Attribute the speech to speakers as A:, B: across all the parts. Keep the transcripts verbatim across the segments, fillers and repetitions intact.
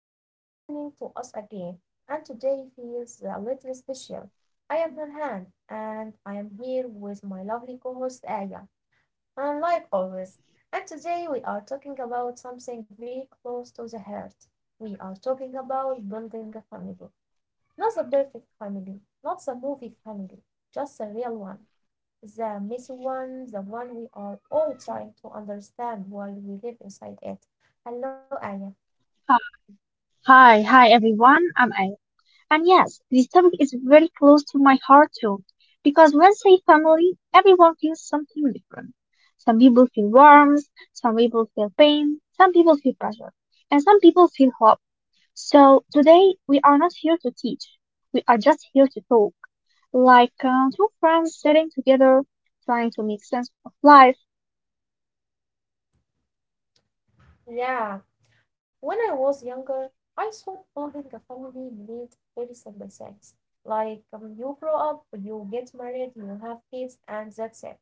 A: You are listening to us again, and today feels a little special. I am Nurhan, and I am here with my lovely co host Aya. And like always, and today we are talking about something very close to the heart. We are talking about building a family. Not the perfect family, not the movie family, just the real one, the messy one, the one we are all trying to understand while we live inside it. Hello, Aya.
B: Hi, hi, hi, everyone. I'm A. And yes, this topic is very close to my heart too, because when say family, everyone feels something different. Some people feel warmth, some people feel pain, some people feel pressure, and some people feel hope. So today we are not here to teach. We are just here to talk, like uh, two friends sitting together, trying to make sense of life.
A: Yeah. When I was younger, I thought building a family meant very simple things, like um, you grow up, you get married, you have kids, and that's it.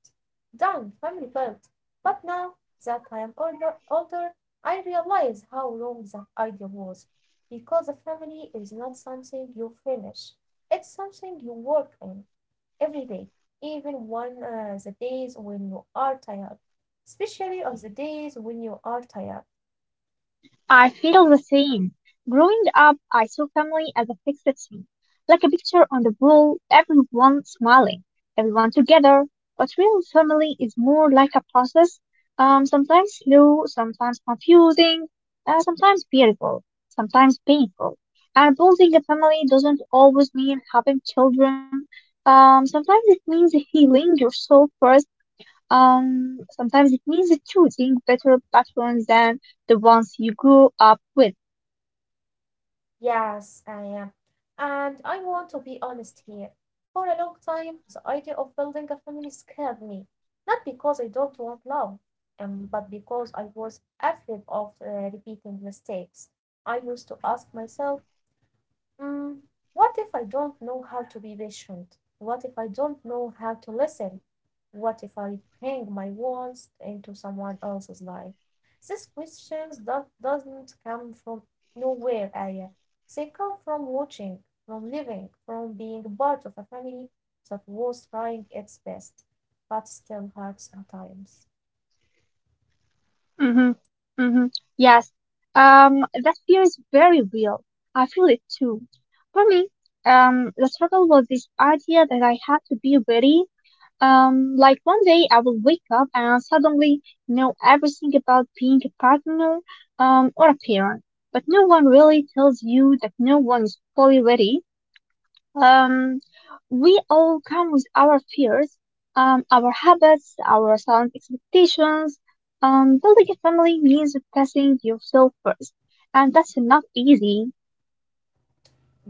A: Done, family built. But now that I am older, older, I realize how wrong that idea was, because a family is not something you finish. It's something you work in every day, even on uh, the days when you are tired, especially on the days when you are tired.
B: I feel the same. Growing up, I saw family as a fixed scene, like a picture on the wall, everyone smiling, everyone together. But real family is more like a process, um, sometimes slow, sometimes confusing, uh, sometimes beautiful, sometimes painful. And building a family doesn't always mean having children. Um, sometimes it means healing yourself first, um, sometimes it means choosing better patterns than the ones you grew up with.
A: Yes, I am. And I want to be honest here. For a long time, the idea of building a family scared me. Not because I don't want love, um, but because I was afraid of uh, repeating mistakes. I used to ask myself, mm, what if I don't know how to be patient? What if I don't know how to listen? What if I bring my wants into someone else's life? These questions do- doesn't come from nowhere, Aya. They come from watching, from living, from being part of a family that was trying its best, but still hard sometimes.
B: hmm hmm Yes. Um, that fear is very real. I feel it too. For me, um, the struggle was this idea that I had to be ready. Um, like one day I will wake up and suddenly know everything about being a partner, um, or a parent. But no one really tells you that no one is fully ready. Um, we all come with our fears, um, our habits, our silent expectations. Um, building a family means passing yourself first, and that's not easy.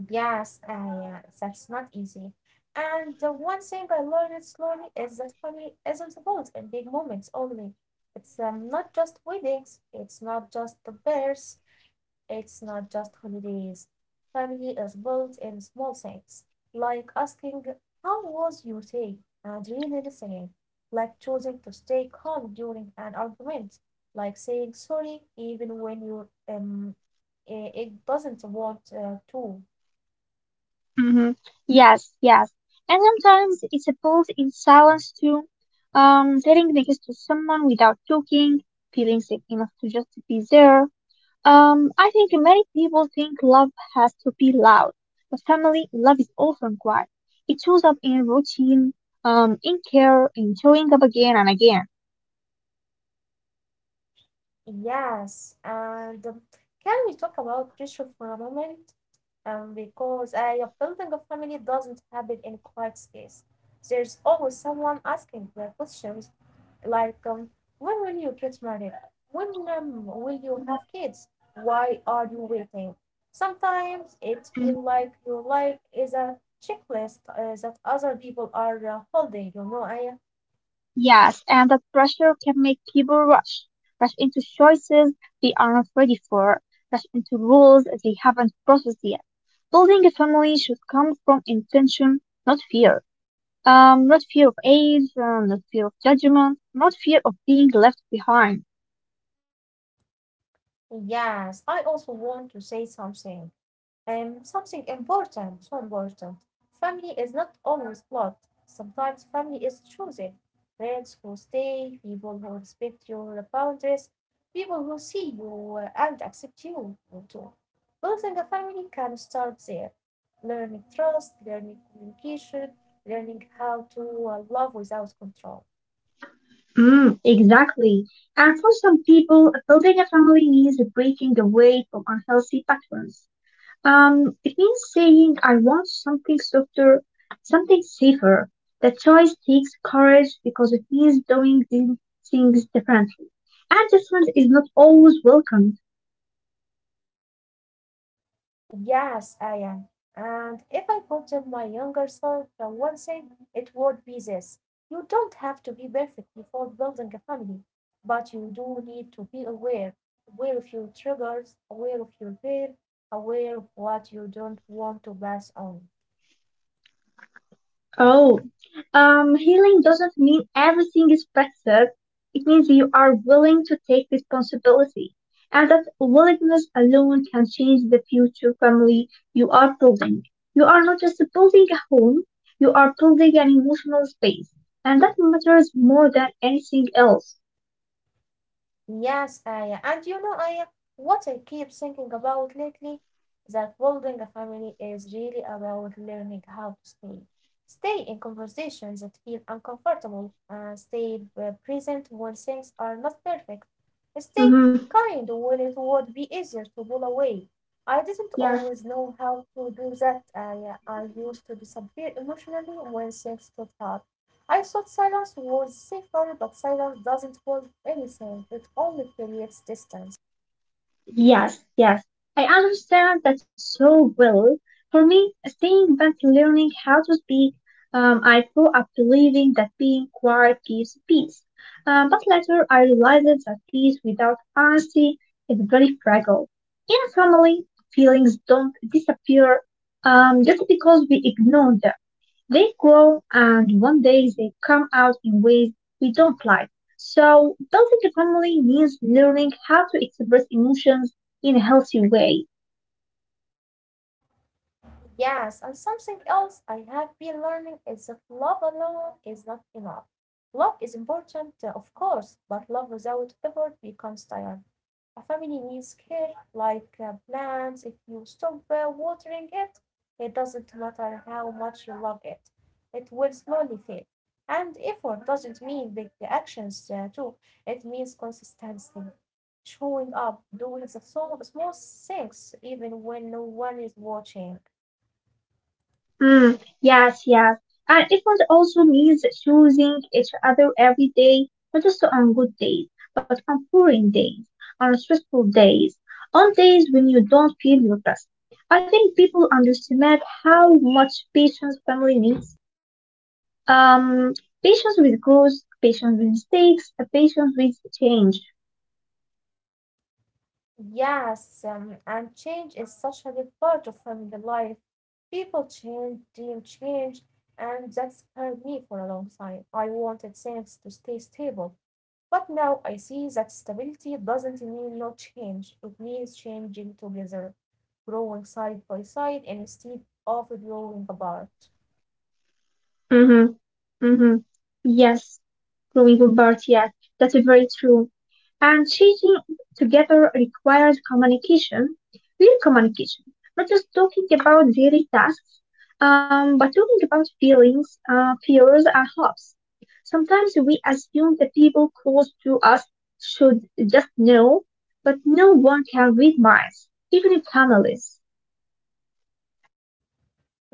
A: Yes, ah, yeah, that's not easy. And the one thing I learned slowly is that family isn't about in big moments only. It's um, not just weddings, it's not just the bears, it's not just holidays. Family is built in small things, like asking, how was your day? And really listening, like choosing to stay calm during an argument, like saying sorry even when you um, i- it doesn't want uh, to.
B: hmm Yes, yes. And sometimes it's built in silence too. Um, sitting next to someone without talking, feeling safe enough to just be there. Um, I think many people think love has to be loud, but family love is often quiet. It shows up in routine, um, in care, in showing up again and again.
A: Yes, and um, can we talk about pressure for a moment? Um, because I, a building a family doesn't happen in quiet space. There's always someone asking the questions like, um, when will you get married? When um, will you
B: Mm-hmm.
A: have kids? Why are you waiting? Sometimes it feels
B: hmm
A: like your life is a checklist uh, that other people are uh, holding, you know. I,
B: Yes, and that pressure can make people rush, rush into choices they aren't ready for, rush into rules they haven't processed yet. Building a family should come from intention, not fear. Um, not fear of age, uh, not fear of judgment, not fear of being left behind.
A: yes, I also want to say something. Um, something important, so important. Family is not always blood. Sometimes family is chosen. Friends who stay, people who respect your boundaries, people who see you and accept you too. Building a family can start there. Learning trust, learning communication, learning how to uh, love without control.
B: Mm, exactly. And for some people, building a family means breaking away from unhealthy patterns. Um, it means saying, I want something softer, something safer. The choice takes courage because it means doing these things differently. And different is not always welcome.
A: Yes, I am. And if I could tell my younger self the one thing, it would be this. You don't have to be perfect before building a family, but you do need to be aware, aware of your triggers, aware of your fear, aware of what you don't want to pass on.
B: Oh, um, healing doesn't mean everything is perfect. It means you are willing to take responsibility, and that willingness alone can change the future family you are building. You are not just building a home, you are building an emotional space, and that matters more than anything else.
A: Yes, Aya. And you know, Aya, what I keep thinking about lately, that building a family is really about learning how to stay. Stay in conversations that feel uncomfortable, uh, stay uh, present when things are not perfect, stay
B: Mm-hmm.
A: kind when it would be easier to pull away. I didn't
B: Yes.
A: always know how to do that, Aya. I used to disappear emotionally when things got hard. I thought silence was safer, but silence doesn't solve anything, it only creates distance.
B: Yes, yes. I understand that so well. For me, staying back learning how to speak, um, I grew up believing that being quiet gives peace. Um, but later, I realized that peace without honesty is very fragile. In a family, feelings don't disappear um, just because we ignore them. They grow and one day they come out in ways we don't like. So, building a family means learning how to express emotions in a healthy way.
A: Yes, and something else I have been learning is that love alone is not enough. Love is important, uh, of course, but love without effort becomes tired. A family needs care, like uh, plants. If you stop uh, watering it, it doesn't matter how much you love it, it will slowly fade. And effort doesn't mean big actions, uh, too. It means consistency, showing up, doing the so- small things even when no one is watching.
B: Mm, yes, yes. And it must also means choosing each other every day, not just on good days, but on boring days, on stressful days, on days when you don't feel your best. I think people underestimate how much patience family needs. Um, Patience with growth, patience with mistakes, a patience with change.
A: Yes, um, and change is such a big part of family life. People change, dream change, and that scared me for a long time. I wanted things to stay stable, but now I see that stability doesn't mean no change. It means changing together, growing side by side instead of growing apart.
B: Mm-hmm. Mm-hmm. Yes, growing with birth, yes, that's very true. And teaching together requires communication, real communication, not just talking about daily tasks, um, but talking about feelings, uh, fears, and hopes. Sometimes we assume the people close to us should just know, but no one can read minds, even in families.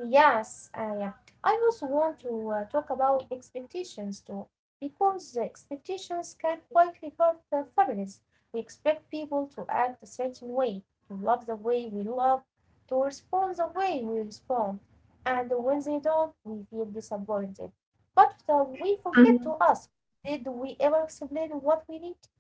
A: Yes, uh, yeah. I also want to uh, talk about expectations too, because the expectations can quietly hurt the families. We expect people to act a certain way, to love the way we love, to respond the way we respond, and when they don't, we feel disappointed. But uh, we
B: Mhm.
A: forget to ask, did we ever explain what we need?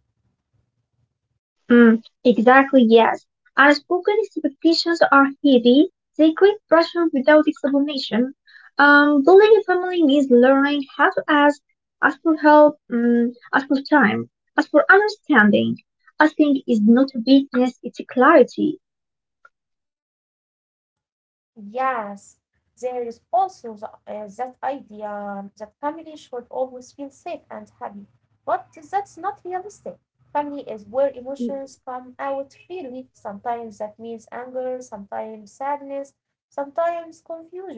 B: mm Exactly, yes. Unspoken expectations are heavy. They create pressure without explanation. Um, building a family means learning how to ask, ask for help, um, ask for time, ask for understanding. Asking is not weakness, it's clarity.
A: Yes, there is also the, uh, that idea that family should always feel safe and happy, but that's not realistic. Family is where emotions come out freely. Sometimes that means anger, sometimes sadness, sometimes confusion.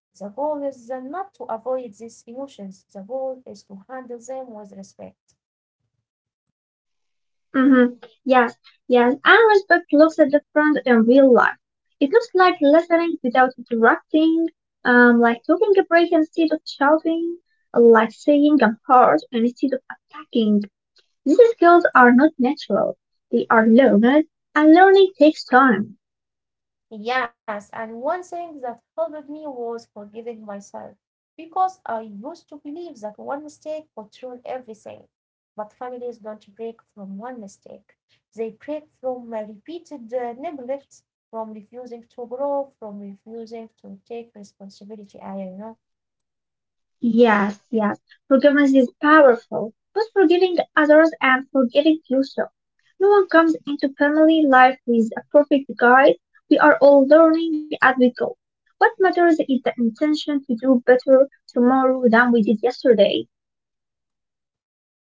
A: The goal is uh, not to avoid these emotions, the goal is to handle them with respect.
B: Mm-hmm. Yes, yes. And respect looks at the front in real life. It looks like listening without interrupting, um, like taking a break instead of shouting, like saying I'm hurt instead of attacking. These skills are not natural. They are learned, and learning takes time.
A: Yes, and one thing that helped me was forgiving myself, because I used to believe that one mistake controlled everything. But families don't break from one mistake. They break from uh, repeated uh, neglect, from refusing to grow, from refusing to take responsibility. I know.
B: Yes, yes. Forgiveness is powerful, but forgiving others and forgetting yourself. No one comes into family life with a perfect guide. We are all learning as we go. What matters is the intention to do better tomorrow than we did yesterday.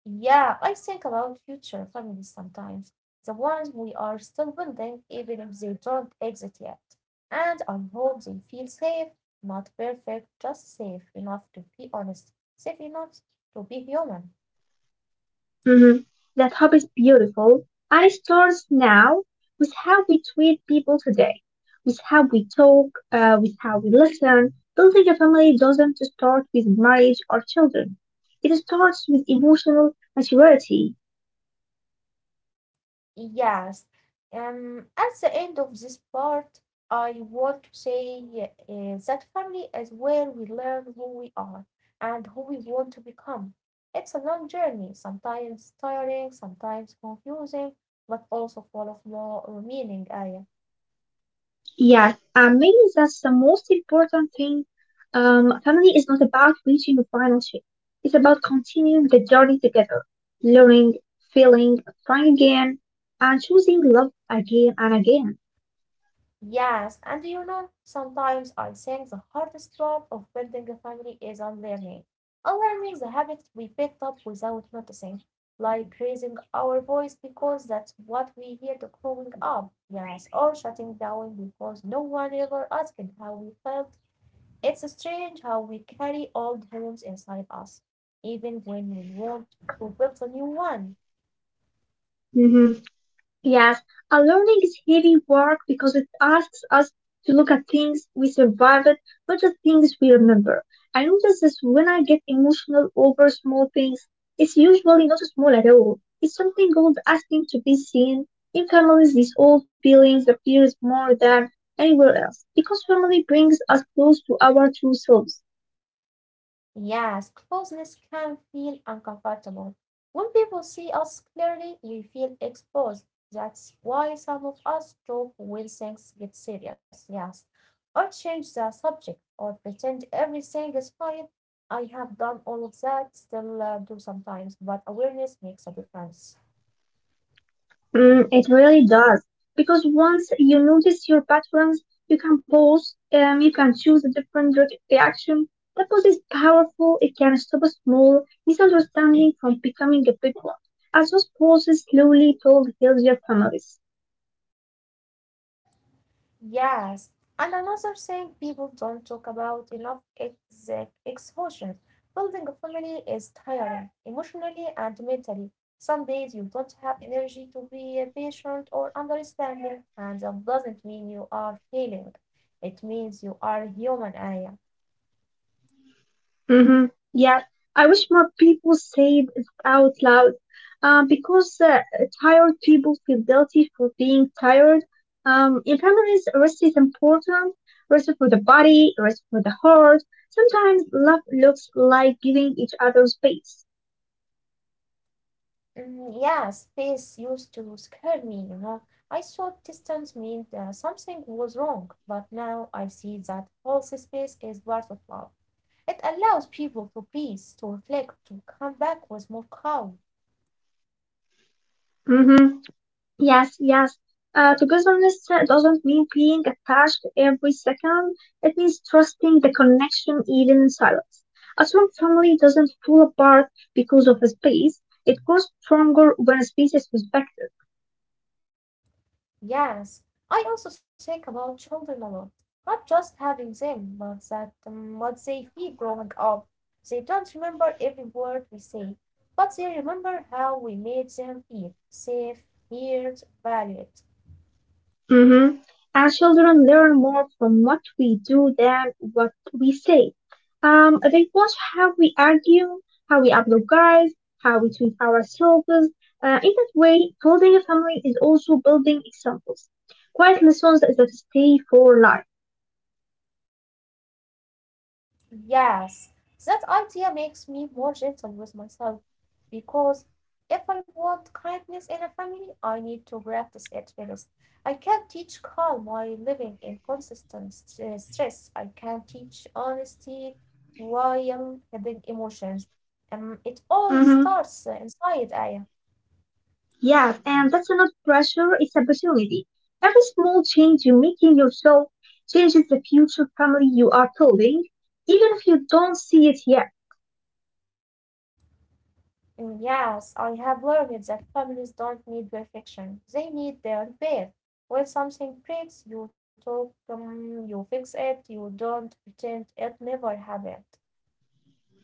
A: Yeah, I think about future families sometimes, the ones we are still building, even if they don't exist yet. And I hope they feel safe, not perfect, just safe enough to be honest, safe enough to be human.
B: Mhm. That hope is beautiful, and it starts now with how we treat people today, with how we talk, uh, with how we listen. Building a family doesn't start with marriage or children. It starts with emotional maturity.
A: Yes. Um, at the end of this part, I want to say uh, that family is where we learn who we are and who we want to become. It's a long journey, sometimes tiring, sometimes confusing, but also full of more meaning, Aya.
B: Yes, um, maybe that's the most important thing. Um, family is not about reaching a final shape. It's about continuing the journey together, learning, feeling, trying again, and choosing love again and again.
A: Yes, and you know, sometimes I think the hardest part of building a family is unlearning. Unlearning the habits we picked up without noticing, like raising our voice because that's what we heard growing up. Yes, or shutting down because no one ever asked how we felt. It's strange how we carry old wounds inside us, even when we want to build a new one.
B: Mhm. Yes, our learning is heavy work because it asks us to look at things we survived, not just things we remember. I notice this when I get emotional over small things. It's usually not small at all. It's something old asking to be seen. In families, these old feelings appears more than anywhere else because family brings us close to our true selves.
A: Yes, closeness can feel uncomfortable. When people see us clearly, we feel exposed. That's why some of us joke when things get serious, yes, or change the subject or pretend everything is fine. I have done all of that, still uh, do sometimes, but awareness makes a difference.
B: Mm, it really does. Because once you notice your patterns, you can pause, um, you can choose a different re- reaction. That pause is powerful. It can stop a small misunderstanding from becoming a big one. As those pauses slowly build healthier families.
A: Yes, and another thing people don't talk about enough is the exhaustion. Building a family is tiring, emotionally and mentally. Some days you don't have energy to be uh, patient or understanding, and that doesn't mean you are failing. It means you are human, Aya.
B: Mm-hmm. Yeah, I wish more people said it out loud, Uh, because uh, tired people feel guilty for being tired. Um, in families, rest is important. Rest for the body, rest for the heart. Sometimes love looks like giving each other space.
A: Mm, yeah, space used to scare me, you know. I thought distance meant uh, something was wrong, but now I see that whole space is part of love. It allows people to breathe, to reflect, to come back with more calm.
B: Mm-hmm. Yes, yes. Uh, togetherness uh, doesn't mean being attached every second. It means trusting the connection even in silence. A strong family doesn't fall apart because of a space. It grows stronger when a space is respected.
A: Yes, I also think about children a lot, not just having them, but that um, what they feel growing up. They don't remember every word we say, but they remember how we made them feel safe, heard, valued.
B: Mhm. Our children learn more from what we do than what we say. Um, they watch how we argue, how we apologize, how we treat ourselves. Uh, in that way, building a family is also building examples. Quiet lessons that stay for life.
A: Yes, that idea makes me more gentle with myself, because if I want kindness in a family I need to practice it first. I can't teach calm while living in constant st- stress. I can't teach honesty while having emotions. Um, it all
B: Mm-hmm.
A: starts uh, inside Aya.
B: Yes, and that's not pressure, it's opportunity. Every small change you make in yourself changes the future family you are building, even if you don't see it yet.
A: And yes, I have learned that families don't need perfection. They need their repair. When something breaks, you talk, um, you fix it, you don't pretend it never happened.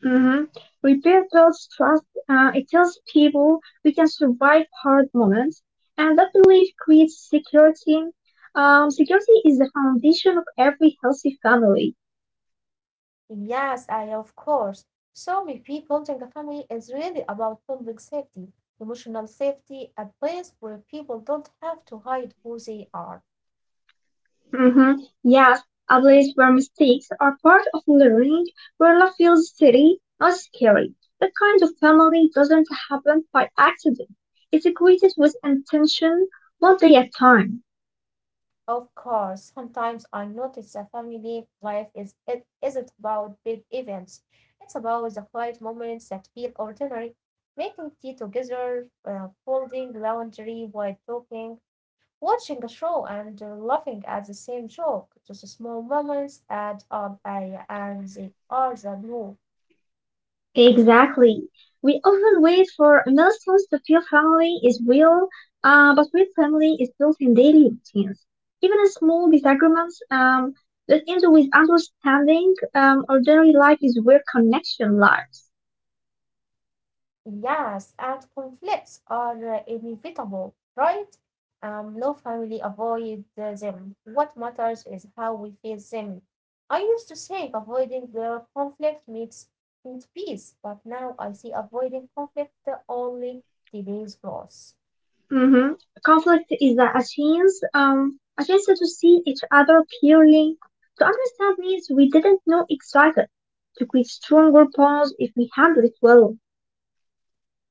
B: hmm Repair builds trust. Uh, it tells people we can survive hard moments, and that belief creates security. Um, security is the foundation of every healthy family.
A: Yes, I of course. So maybe building a family is really about public safety, emotional safety, a place where people don't have to hide who they are.
B: hmm Yes, a place where mistakes are part of learning, where love feels steady, not scary. That kind of family doesn't happen by accident. It's created with intention, one day at a time.
A: Of course, sometimes I notice a family life is it isn't about big events. It's about the quiet moments that feel ordinary. Making tea together, uh, folding laundry while talking, watching a show and uh, laughing at the same joke, those small moments add up uh, and they are the glue.
B: Exactly. We often wait for milestones to feel family is real, uh, but real family is built in daily routines. Even in small disagreements um, that end with understanding, um, ordinary life is where connection lies.
A: Yes, and conflicts are uh, inevitable, right? Um, no family avoid uh, them. What matters is how we face them. I used to think avoiding the conflict makes means peace, but now I see avoiding conflict only delays growth.
B: hmm Conflict is a a chance, um, a chance to see each other clearly, to understand needs we didn't know existed, to create stronger bonds if we handle it well.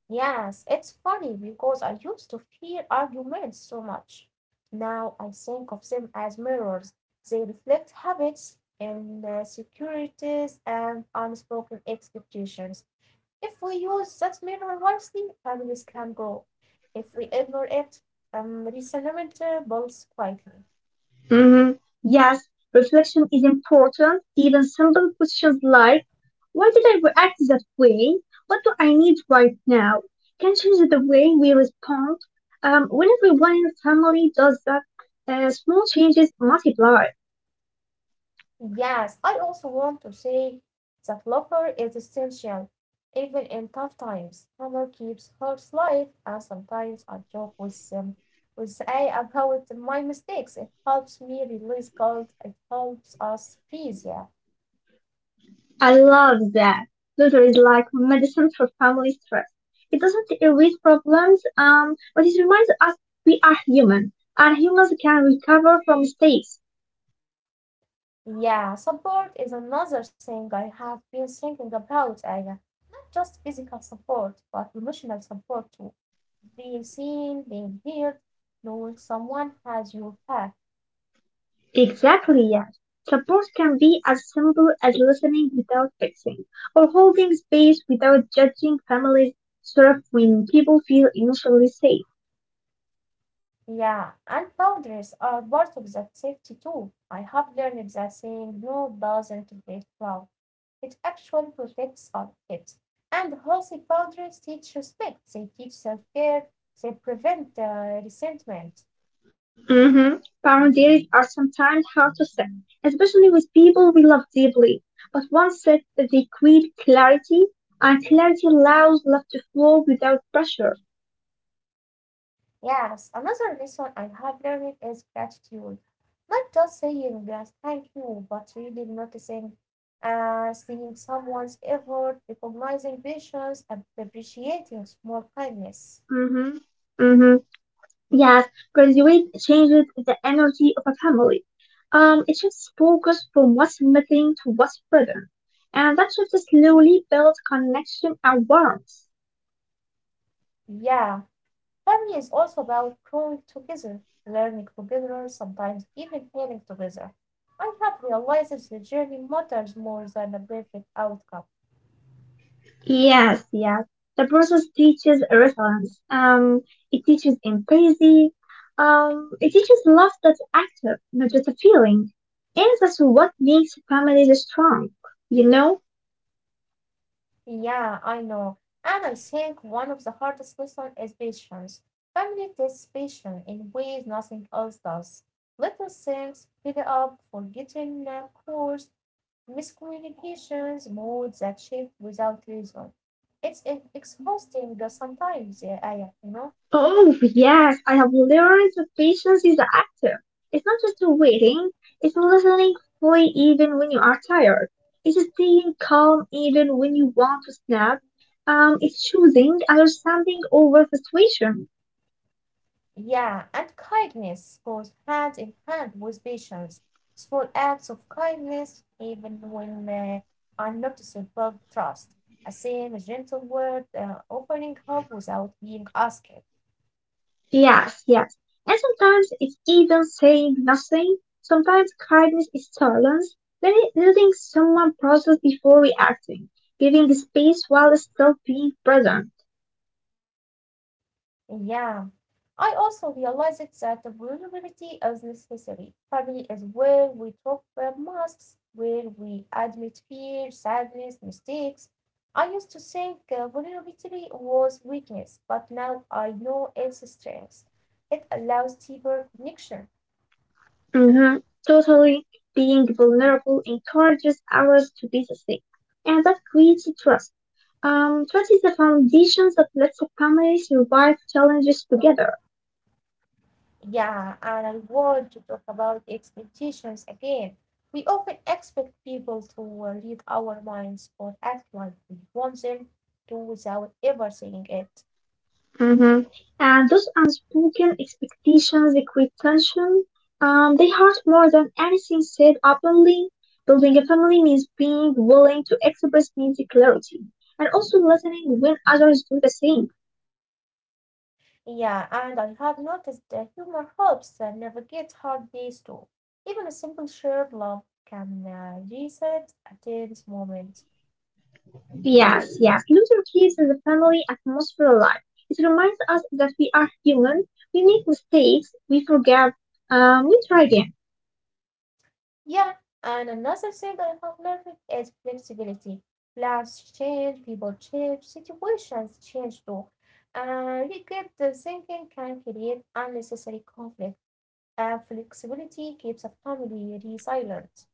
A: Yes, it's funny because I used to fear arguments so much. Now I think of them as mirrors. They reflect habits, insecurities, and unspoken expectations. If we use that mirror wisely, families can grow. If we ignore it, um, resentment uh, builds quietly.
B: hmm Yes, reflection is important. Even simple questions like, why did I react that way? What do I need right now? Can change the way we respond. Um, when everyone in the family does that, uh, small changes multiply.
A: Yes, I also want to say that laughter is essential, even in tough times. Humor keeps hearts light, and sometimes I joke with um, with A I about my mistakes. It helps me release guilt. It helps us peace. Yeah,
B: I love that. Little is like medicine for family stress. It doesn't erase problems, um, but it reminds us we are human, and humans can recover from mistakes.
A: yeah. Support is another thing I have been thinking about, Aya. Not just physical support, but emotional support too. Being seen, being heard, knowing someone has your back.
B: Exactly, yes. Support can be as simple as listening without fixing, or holding space without judging families thrive when people feel initially safe.
A: Yeah, and boundaries are part of that safety too. I have learned that saying no doesn't break love. It actually protects us- it. And healthy boundaries teach respect, they teach self care, they prevent uh, resentment.
B: Mm-hmm. Boundaries are sometimes hard to set, especially with people we love deeply. But once set, they create clarity, and clarity allows love to flow without pressure.
A: Yes, another lesson I have learned is gratitude. Not just saying yes, thank you, but really noticing, uh, seeing someone's effort, recognizing patience, and appreciating small kindness.
B: Mm-hmm. Mm-hmm. Yes, graduate changes the energy of a family. Um, it shifts focus from what's missing to what's present, and that shift slowly builds connection and warmth.
A: Yeah. Family is also about growing together, learning together, sometimes even healing together. I have realized the journey matters more than the perfect outcome.
B: Yes, yes. The process teaches resilience. Um, it teaches empathy. Um, it teaches love that's active, not just a feeling. And that's what makes families strong, you know?
A: Yeah, I know. And I think one of the hardest lessons is patience. Family tests patience in ways nothing else does. Little things, pick up, forgetting uh, course, miscommunications, moods that shift without reason. It's e- exhausting uh, sometimes, yeah, I, you know.
B: Oh, yes, I have learned that patience is active. It's not just waiting, it's listening fully even when you are tired. It's staying calm even when you want to snap. Um, it's choosing understanding over frustration.
A: Yeah, and kindness goes hand in hand with patience. Small acts of kindness, even when uh, unnoticed, build trust. A same gentle word, uh, offering help without being asked.
B: Yes, yes. And sometimes it's even saying nothing. Sometimes kindness is silence, letting letting someone process before reacting, giving space while still being present.
A: Yeah, I also realized that the vulnerability is necessary. Family is where we drop our masks, where we admit fear, sadness, mistakes. I used to think uh, vulnerability was weakness, but now I know it's strength. It allows deeper connection.
B: hmm Totally. Being vulnerable encourages others to be the same, and that creates trust. Um, trust is the foundation that lets a family survive challenges together.
A: Yeah, and I want to talk about expectations again. We often expect people to uh, read our minds or act like we want them to without ever saying it.
B: Mm-hmm. And those unspoken expectations, they create tension. Um, they hurt more than anything said openly. Building a family means being willing to express needs clarity and also listening when others do the same.
A: Yeah, and I have noticed that humor helps and navigate hard days too. Even a simple shared laugh can uh, reset a tense moment.
B: Yes, yes. Clutter keeps the family atmosphere alive. It reminds us that we are human, we make mistakes, we forget, um, we try again.
A: Yeah, and another thing I have learned is flexibility. Plans change, people change, situations change too. And rigid thinking can create unnecessary conflict, and flexibility keeps a family resilient.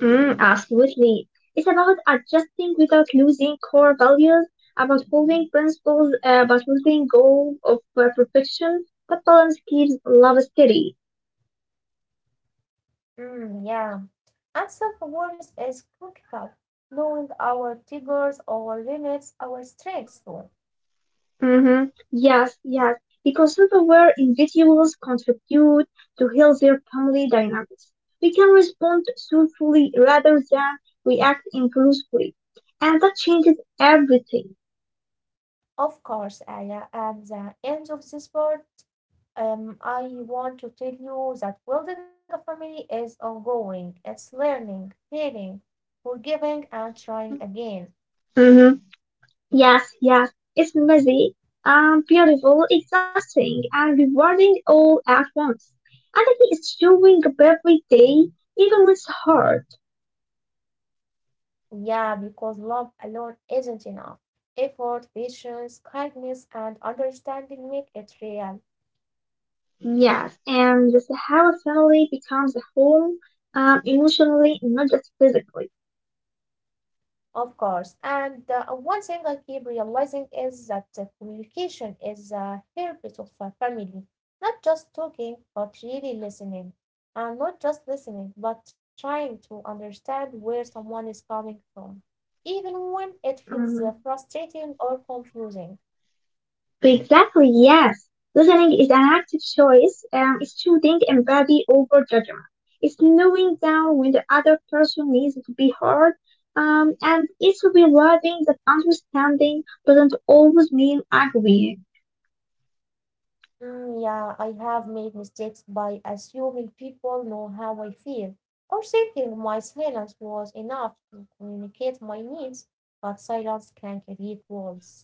B: Mm, absolutely. It's about adjusting without losing core values, about holding principles, uh, about holding goal of uh, perfection, but balance keeps love steady.
A: Mm, yeah. And self-awareness is crucial, knowing our triggers, our limits, our strengths too.
B: Hmm. Yes, yes, because self-aware individuals contribute to healthier family dynamics. We can respond thoughtfully rather than react impulsively, and that changes everything.
A: Of course, Aya, at the end of this part, um, I want to tell you that building a family is ongoing. It's learning, healing, forgiving, and trying again.
B: Mm-hmm. Yes, yes, it's messy, um, beautiful, exhausting, and rewarding all at once. Empathy is doing every day, even when it's hard.
A: Yeah, because love alone isn't enough. Effort, patience, kindness, and understanding make it real.
B: Yes, and this is how a family becomes a whole, um, emotionally, not just physically.
A: Of course. And uh, one thing I keep realizing is that uh, communication is a heritage of a family, not just talking, but really listening. And not just listening, but trying to understand where someone is coming from, even when it feels uh,
B: Um,
A: frustrating or confusing.
B: exactly, yes. Listening is an active choice. Um, it's choosing empathy over judgment. It's knowing down when the other person needs to be heard. Um, and it's realizing that understanding doesn't always mean agreeing.
A: Mm, yeah, I have made mistakes by assuming people know how I feel or thinking my silence was enough to communicate my needs, but silence can create walls.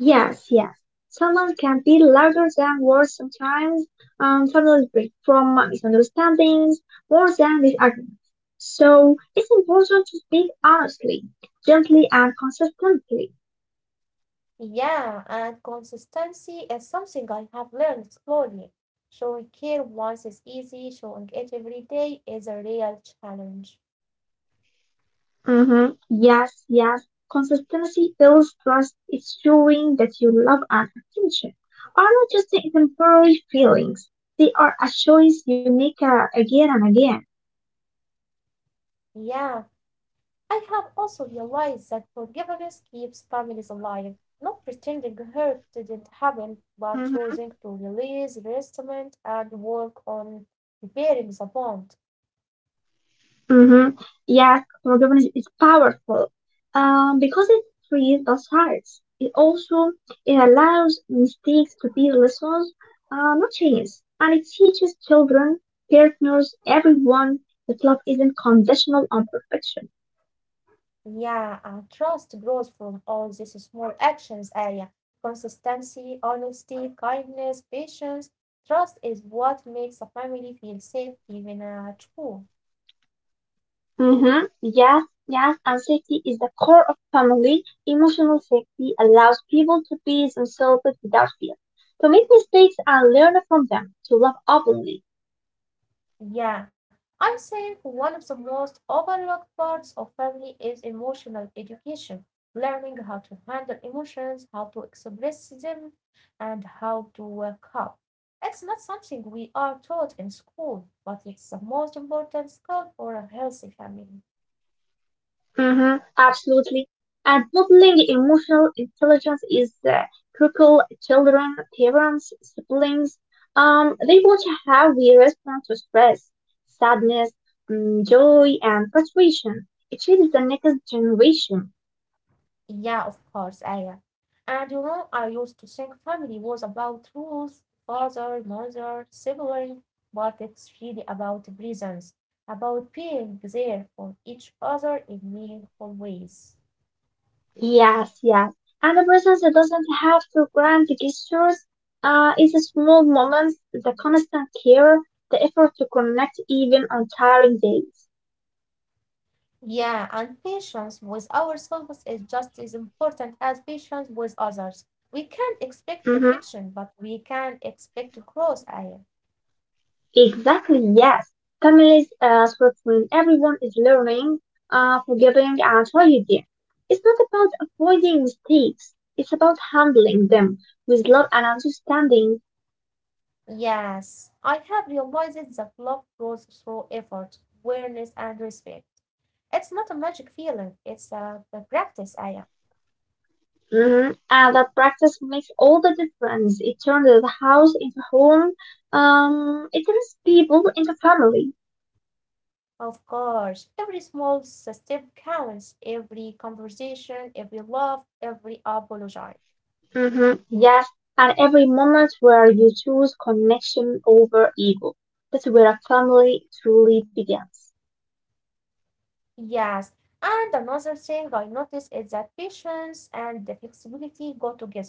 B: Yes, yes. Someone can be louder than words sometimes, and families break from misunderstandings more than disagreements. So it's important to speak honestly, gently, and consistently.
A: Yeah, and consistency is something I have learned slowly. Showing care once is easy, showing it every day is a real challenge.
B: Mm-hmm. Yes, yes. Consistency builds trust. It's showing that you love and attention are not just temporary feelings. They are a choice you make, uh, again and again.
A: Yeah. I have also realized that forgiveness keeps families alive, not pretending hurt didn't happen, but
B: Mm-hmm.
A: choosing to release resentment and work on repairing the bond.
B: Mm-hmm. Yeah, forgiveness is powerful um, because it frees the sides. It also it allows mistakes to be lessons, uh, not chains, and it teaches children, partners, everyone that love isn't conditional on perfection.
A: Yeah, and trust grows from all these small actions, Aya. Consistency, honesty, kindness, patience. Trust is what makes a family feel safe, even uh, at home.
B: Mm-hmm. Yes, yes, and safety is the core of family. Emotional safety allows people to be themselves without fear, to make mistakes and learn from them, to love openly.
A: Yeah, I think one of the most overlooked parts of family is emotional education, learning how to handle emotions, how to express them, and how to work up. It's not something we are taught in school, but it's the most important skill for a healthy family.
B: Hmm, absolutely. And modeling emotional intelligence is uh, critical. Children, parents, siblings, um, they watch how we respond to stress, sadness, mm, joy, and frustration. It shapes the next generation.
A: Yeah, of course, Aya. And you know, I used to think family was about rules, father, mother, sibling, but it's really about presence, about being there for each other in meaningful ways.
B: Yes, yes. And the presence doesn't have to grant gestures. Uh, it's the small moments, the constant care, the effort to connect even on tiring days.
A: Yeah, and patience with ourselves is just as important as patience with others. We can't expect
B: Mm-hmm.
A: perfection, but we can expect growth, Aya.
B: Exactly, yes. Families a script when everyone is learning, uh, forgiving, and trying again. It's not about avoiding mistakes, it's about handling them with love and understanding.
A: Yes, I have realized that love grows through effort, awareness, and respect. It's not a magic feeling, it's a, a practice, Aya.
B: Hmm. And that practice makes all the difference. It turns the house into home, um, it turns people into family.
A: Of course, every small s- step counts, every conversation, every love, every apology.
B: Hmm. Yes, and every moment where you choose connection over ego, that's where a family truly begins.
A: Yes, and another thing I noticed is that patience and the flexibility go together.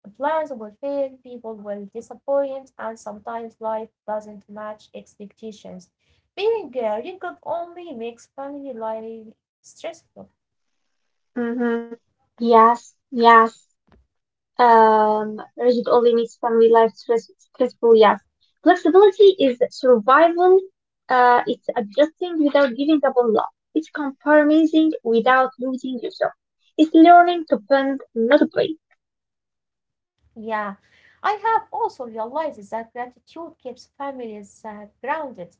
A: Plans will fail, people will disappoint, and sometimes life doesn't match expectations. Being uh, rigid only makes family life stressful.
B: Mm-hmm. Yes, yes. Um, rigid only makes family life stress stressful, yes. Flexibility is survival. Uh, it's adjusting without giving up on love. It's compromising without losing yourself. It's learning to bend, not break.
A: Yeah, I have also realized that gratitude keeps families uh, grounded.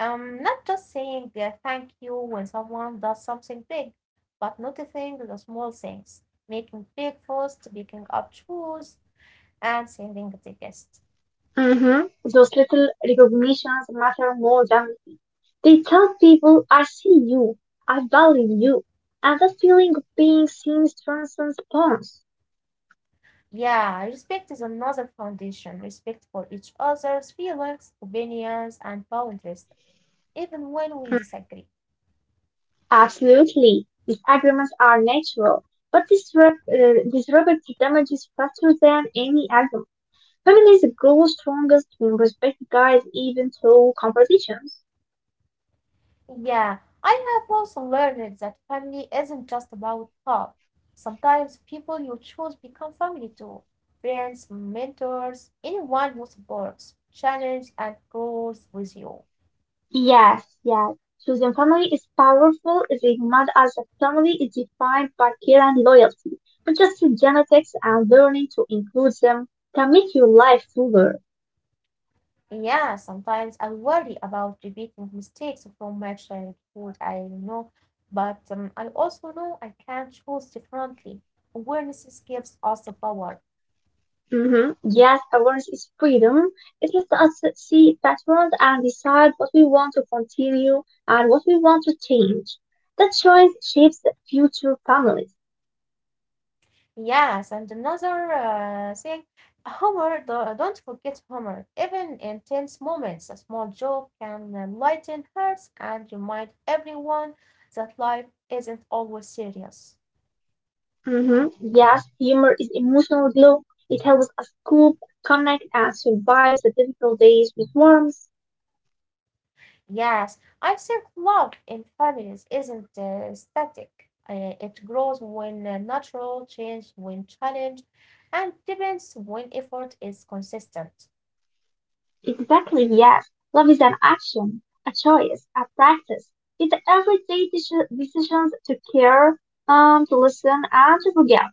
A: Um, not just saying uh, thank you when someone does something big, but noticing the small things, making breakfast, picking up chores, and sending the guest.
B: Mm-hmm. Those little recognitions matter more than they tell people, I see you, I value you. And that feeling of being seen transcends bonds.
A: Yeah, respect is another foundation. Respect for each other's feelings, opinions, and boundaries, even when we disagree.
B: Mm-hmm. Absolutely. Disagreements are natural, but disrupt, uh, disruptive damage is faster than any argument. Families grow strongest when respect guides even through conversations.
A: Yeah, I have also learned that family isn't just about love. Sometimes people you choose become family too. Friends, mentors, anyone who supports, challenges, and grows with you.
B: Yes, yes. Choosing family is powerful if it not as a family is defined by care and loyalty, not just genetics and learning to include them can make your life fuller.
A: Yeah, sometimes I worry about repeating mistakes from my childhood, I know, but um, I also know I can choose differently. Awareness gives us the power.
B: Mhm. Yes, awareness is freedom. It lets us see patterns and decide what we want to continue and what we want to change. That choice shapes the future families.
A: Yes, and another uh, thing, humor, do- don't forget humor. Even in tense moments, a small joke can uh, lighten hearts and remind everyone that life isn't always serious.
B: Mhm. Yes, humor is emotional glue. It helps us cope, connect, and survive the difficult days with warmth.
A: Yes, I think love in families isn't uh, static. Uh, it grows when uh, natural, changes when challenged, and depends when effort is consistent.
B: Exactly, yes. Love is an action, a choice, a practice. It's the everyday deci- decisions to care, um, to listen, and to forgive.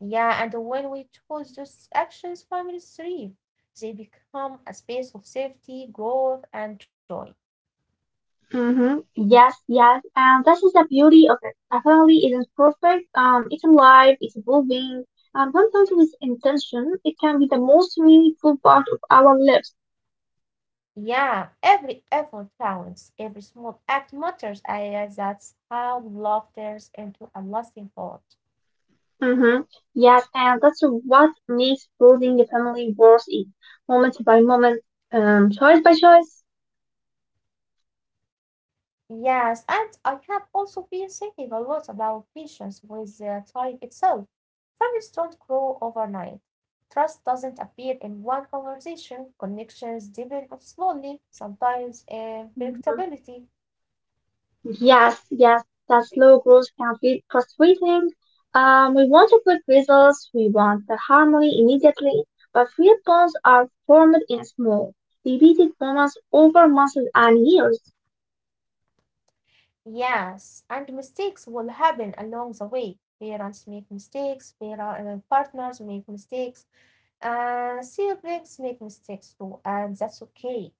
A: Yeah, and when we choose those actions, families thrive. They become a space of safety, growth, and joy.
B: Mm-hmm. Yes, yes. And that is the beauty of it. A family isn't perfect. Um, it's alive, it's evolving. And sometimes with intention, it can be the most meaningful part of our lives.
A: Yeah, every effort counts. Every small act matters. I guess that's how love turns into a lasting bond.
B: Mm-hmm. Yes, and that's what makes building a family worth it. Moment by moment, um, choice by choice.
A: Yes, and I have also been thinking a lot about patience with uh, time itself. Families don't grow overnight. Trust doesn't appear in one conversation. Connections develop slowly, sometimes in
B: Mm-hmm.
A: predictability.
B: Yes, yes, that slow growth can feel frustrating. Um, we want to quick results, we want the harmony immediately, but real bonds are formed in small, repeated moments over months and years.
A: Yes, and mistakes will happen along the way. Parents make mistakes, para- uh, partners make mistakes, and siblings make mistakes too, and that's okay.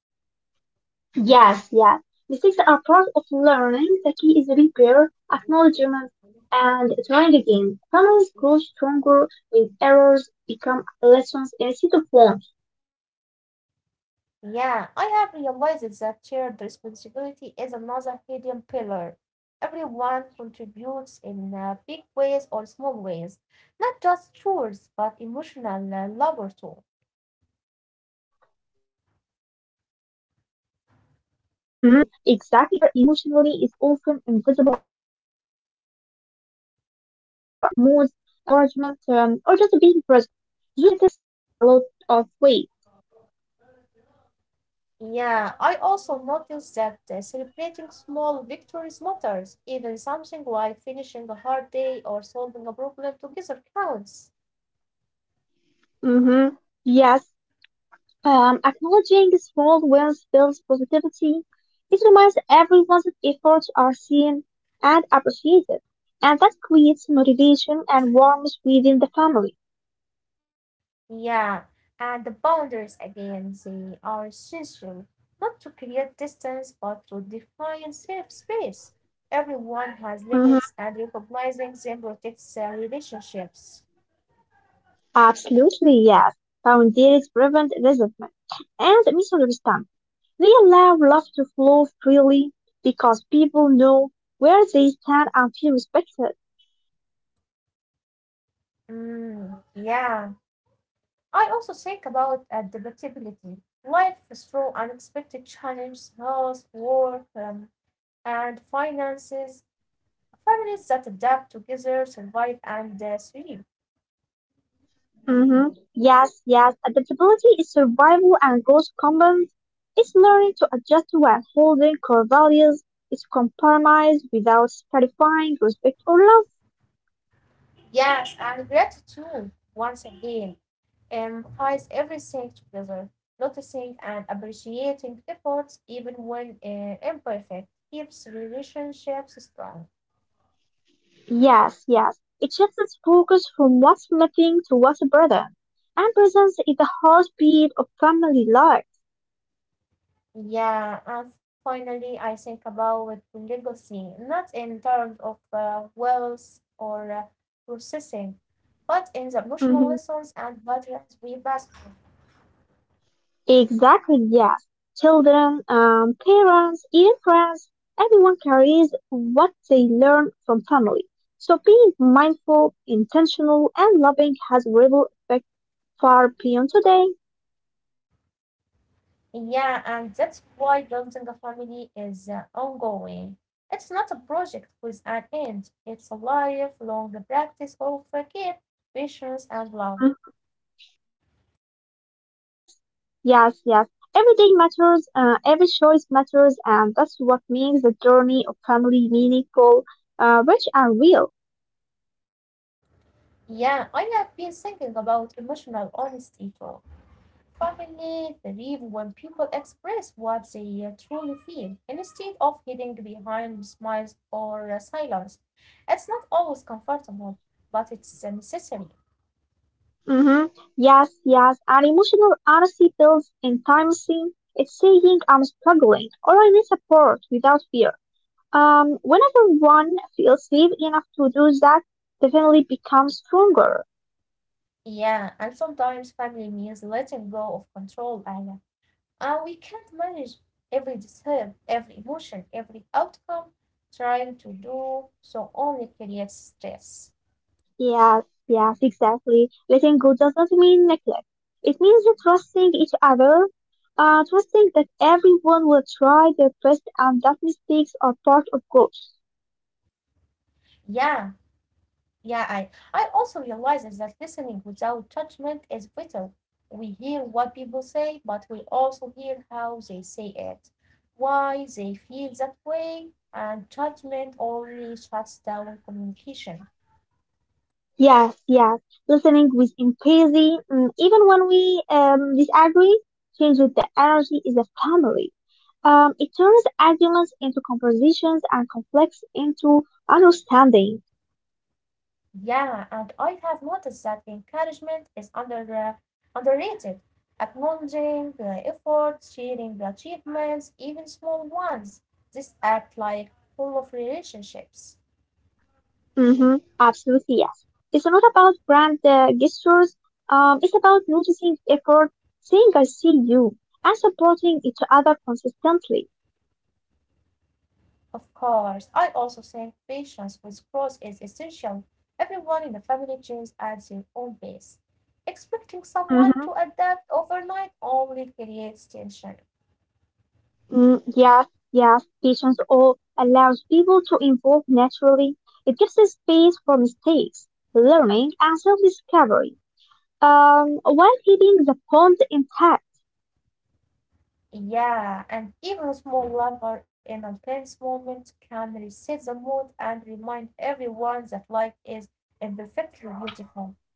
B: Yes, yes, mistakes are part of learning. The key is repair, acknowledgement, and trying again. Families grow stronger when errors become lessons instead of wounds.
A: Yeah, I have realized that shared responsibility is another hidden pillar. Everyone contributes in uh, big ways or small ways, not just chores, but emotional uh, labor too.
B: Mm, exactly. Supporting each other emotionally is often invisible work. It's nothing more, uh, offering encouragement, um, or just being present. Those little things carry a lot of weight.
A: Yeah, I also noticed that uh, celebrating small victories matters. Even something like finishing a hard day or solving a problem together counts.
B: Mm-hmm. Yes. Um, acknowledging small wins builds positivity. It reminds everyone that efforts are seen and appreciated, and that creates motivation and warmth within the family.
A: Yeah, and the boundaries again, they are essential, not to create distance, but to define safe space. Everyone has limits,
B: Mm-hmm.
A: and recognizing them protects uh, relationships.
B: Absolutely, yes. Boundaries prevent resentment and misunderstanding. They allow love to flow freely because people know where they stand and feel respected.
A: Mm, yeah. I also think about adaptability. Life is through unexpected challenges, health, work, um, and finances. Families that adapt together survive and uh, thrive.
B: Hmm. Yes, yes. Adaptability is survival and growth combined. It's learning to adjust while holding core values. It's compromise without sacrificing respect or love.
A: Yes, and gratitude, once again, um, ties everything together. Noticing and appreciating efforts, even when uh, imperfect, keeps relationships strong.
B: Yes, yes. It shifts its focus from what's missing to what's a. And presence is the heartbeat of family life.
A: Yeah, and finally, I think about legacy, not in terms of uh, wealth or uh, processing, but in the emotional
B: Hmm.
A: lessons and patterns we pass through.
B: Exactly, yes. Children, um, parents, even friends, everyone carries what they learn from family. So being mindful, intentional, and loving has ripple effect far beyond today.
A: Yeah, and that's why building a family is uh, ongoing. It's not a project with an end, it's a lifelong practice of uh, care, patience, and love.
B: Yes, yes. Everything matters, uh, every choice matters, and that's what makes the journey of family meaningful, uh, rich and real.
A: Yeah, I have been thinking about emotional honesty too. Finally, believe when people express what they uh, truly feel, instead of hiding behind smiles or uh, silence. It's not always comfortable, but it's necessary.
B: Mm-hmm. Yes, yes. And emotional honesty builds in time. Intimacy. It's saying I'm struggling or I need support without fear. Um, whenever one feels safe enough to do that, the family becomes stronger.
A: Yeah, and sometimes family means letting go of control, Aya. Uh, we can't manage every detail, every emotion, every outcome. Trying to do so only creates stress.
B: Yes, yes, exactly. Letting go does not mean neglect. It means that trusting each other, uh, trusting that everyone will try their best and that mistakes are part of growth.
A: Yeah, Yeah, I I also realized that listening without judgment is vital. We hear what people say, but we also hear how they say it, why they feel that way, and judgment only shuts down communication.
B: Yes, yes. Listening with empathy, mm, even when we um, disagree, change with the energy is a family. Um, it turns arguments into conversations and conflicts into understanding.
A: Yeah, and I have noticed that encouragement is under uh, underrated. Acknowledging the efforts, sharing the achievements, even small ones, this act like full of relationships.
B: Mm-hmm. Absolutely, yes. It's not about brand uh, gestures. Um, it's about noticing effort, saying I see you, and supporting each other consistently.
A: Of course. I also think patience with growth is essential. Everyone in the family changes at their own pace. Expecting someone
B: Mm-hmm.
A: to adapt overnight only creates tension.
B: Mm, yes, yes. Patience all allows people to evolve naturally. It gives us space for mistakes, learning, and self-discovery, um, while keeping the bond intact.
A: Yeah, and even small laughter in a tense moment can reset the mood and remind everyone that life is imperfectly beautiful.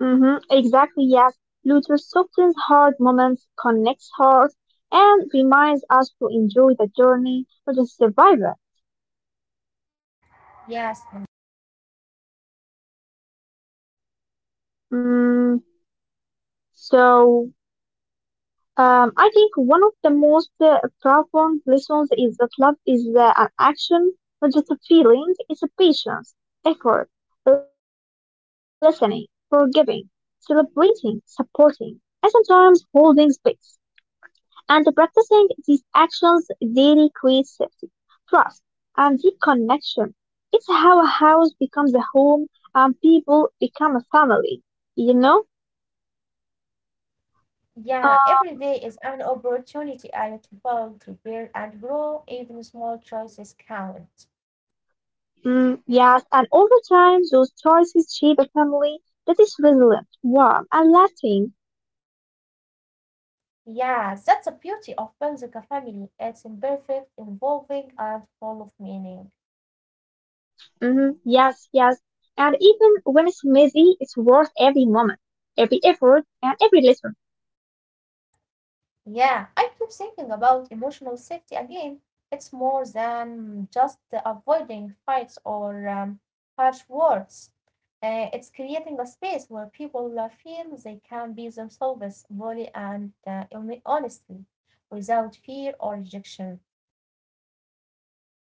B: Hmm, exactly, yes. Luther softens hard moments, connects hearts, and reminds us to enjoy the journey, not just survive it.
A: Yes, and
B: Mm, so, um, I think one of the most uh, profound lessons is that love is uh, an action, not just a feeling. It's a patience, effort, listening, forgiving, celebrating, supporting, and sometimes holding space. And practicing these actions daily creates safety, trust, and deep connection. It's how a house becomes a home and people become a family, you know?
A: yeah, every
B: Um,
A: day is an opportunity I had to build, to build and grow. Even small choices count.
B: mm, yes, and over time, those choices shape a family that is resilient, warm, and lasting.
A: Yeah, that's the beauty of Benzica family. It's imperfect, involving, and full of meaning.
B: Hmm. Yes, yes. And even when it's messy, it's worth every moment, every effort, and every lesson.
A: Yeah, I keep thinking about emotional safety again. It's more than just avoiding fights or um, harsh words. Uh, it's creating a space where people uh, feel they can be themselves fully and uh, hone- honestly, without fear or rejection.
B: Yes,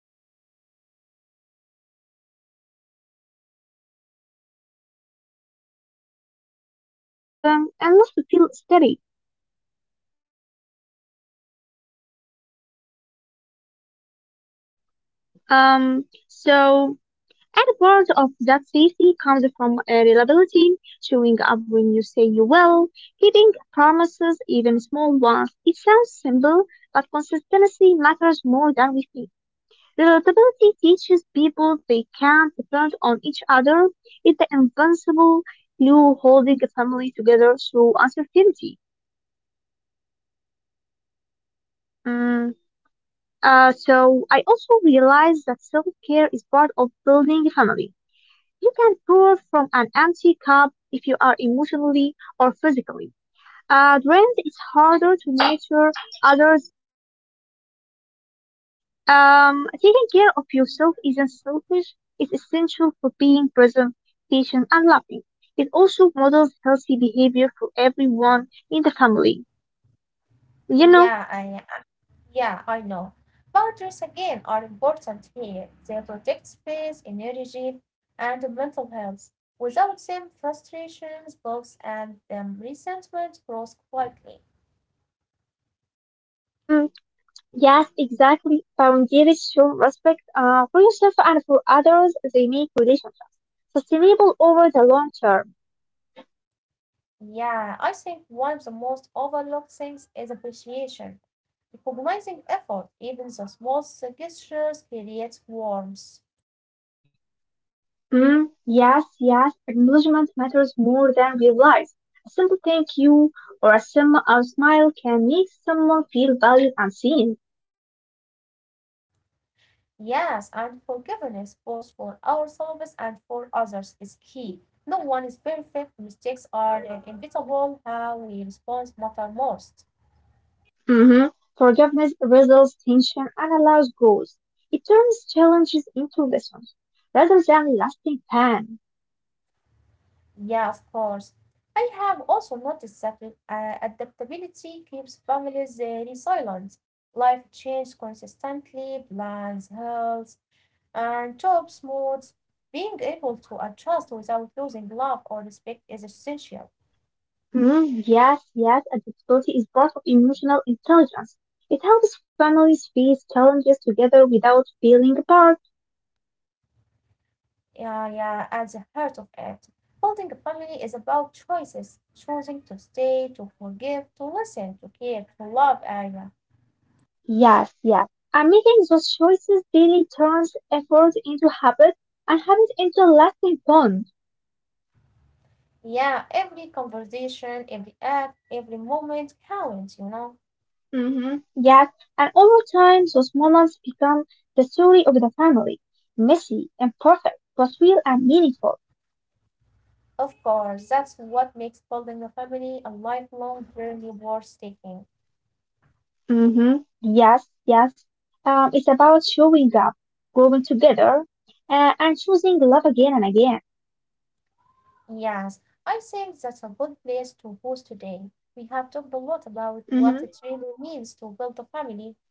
B: yes, yes. Emotional safety is the foundation for everything else. It allows trust to grow, mistakes to be forgiven, and love to feel steady. Um, so, and a part of that safety comes from uh, reliability, showing up when you say you will, keeping promises, even small ones. It sounds simple, but consistency matters more than we think. Relatability teaches people they can depend on each other. It's the invincible glue holding a family together through uncertainty. Mm, uh, so I also realized that self-care is part of building a family. You can pour from an empty cup if you are emotionally or physically. Uh, drained, it's harder to nurture others. Um, taking care of yourself isn't selfish. It's essential for being present, patient, and loving. It also models healthy behavior for everyone in the family. You know?
A: Yeah, I Yeah, I know. Boundaries again are important here. They protect space, energy, and mental health. Without them, frustrations, blocks, and um, resentment grows quietly.
B: Mm, yes, exactly. Boundaries show respect uh, for yourself and for others. They make relationships sustainable over the long term.
A: Yeah, I think one of the most overlooked things is appreciation. Recognizing effort, even the smallest gestures, creates warmth.
B: Mm, yes, yes. Acknowledgement matters more than we realize. A simple thank you or a, sim- a smile can make someone feel valued and seen.
A: Yes, and forgiveness both for ourselves and for others is key. No one is perfect. Mistakes are uh, inevitable. How we respond matter most.
B: Hmm. Forgiveness resolves tension and allows growth. It turns challenges into lessons rather than lasting pain.
A: Yeah, of course. I have also noticed that uh, adaptability keeps families uh, resilient. Life changes consistently, plans, health, and jobs, moods. Being able to adjust without losing love or respect is essential.
B: Mhm. Yes, yes, adaptability is part of emotional intelligence. It helps families face challenges together without feeling apart.
A: Yeah, yeah, at the heart of it. Building a family is about choices, choosing to stay, to forgive, to listen, to care, to love, Aya.
B: Yes, yes. And making those choices daily turns effort into habit and habit into lasting bonds.
A: Yeah, every conversation, every act, every moment counts, you know.
B: Mhm. Yes, and over time, those moments become the story of the family. Messy, imperfect, but real and meaningful.
A: Of course, that's what makes building a family a lifelong journey worth taking.
B: Mm-hmm. Yes, yes. Um, it's about showing up, growing together, uh, and choosing love again and again.
A: Yes, I think that's a good place to pause today. We have talked a lot about
B: Mm-hmm.
A: what it really means to build a family,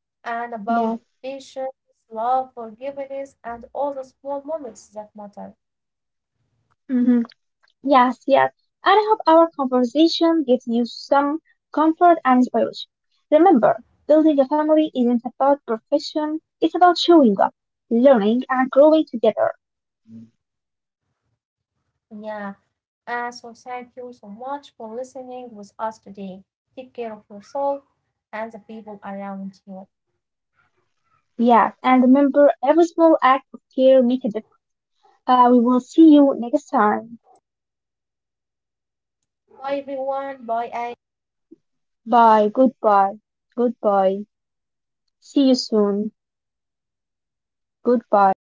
A: and about
B: Yes.
A: patience, love, forgiveness, and all the small moments that matter.
B: Mm-hmm. Yes, yes. And I hope our conversation gives you some comfort and inspiration. Remember, building a family isn't about perfection, it's about showing up, learning, and growing together.
A: Yeah, and so thank you so much for listening with us today. Take care of yourself and the people around you.
B: Yes, and remember, every small act of care make a difference. Uh, we will see you next time.
A: Bye, everyone. Bye, Aya.
B: Bye. Goodbye. Goodbye. See you soon. Goodbye.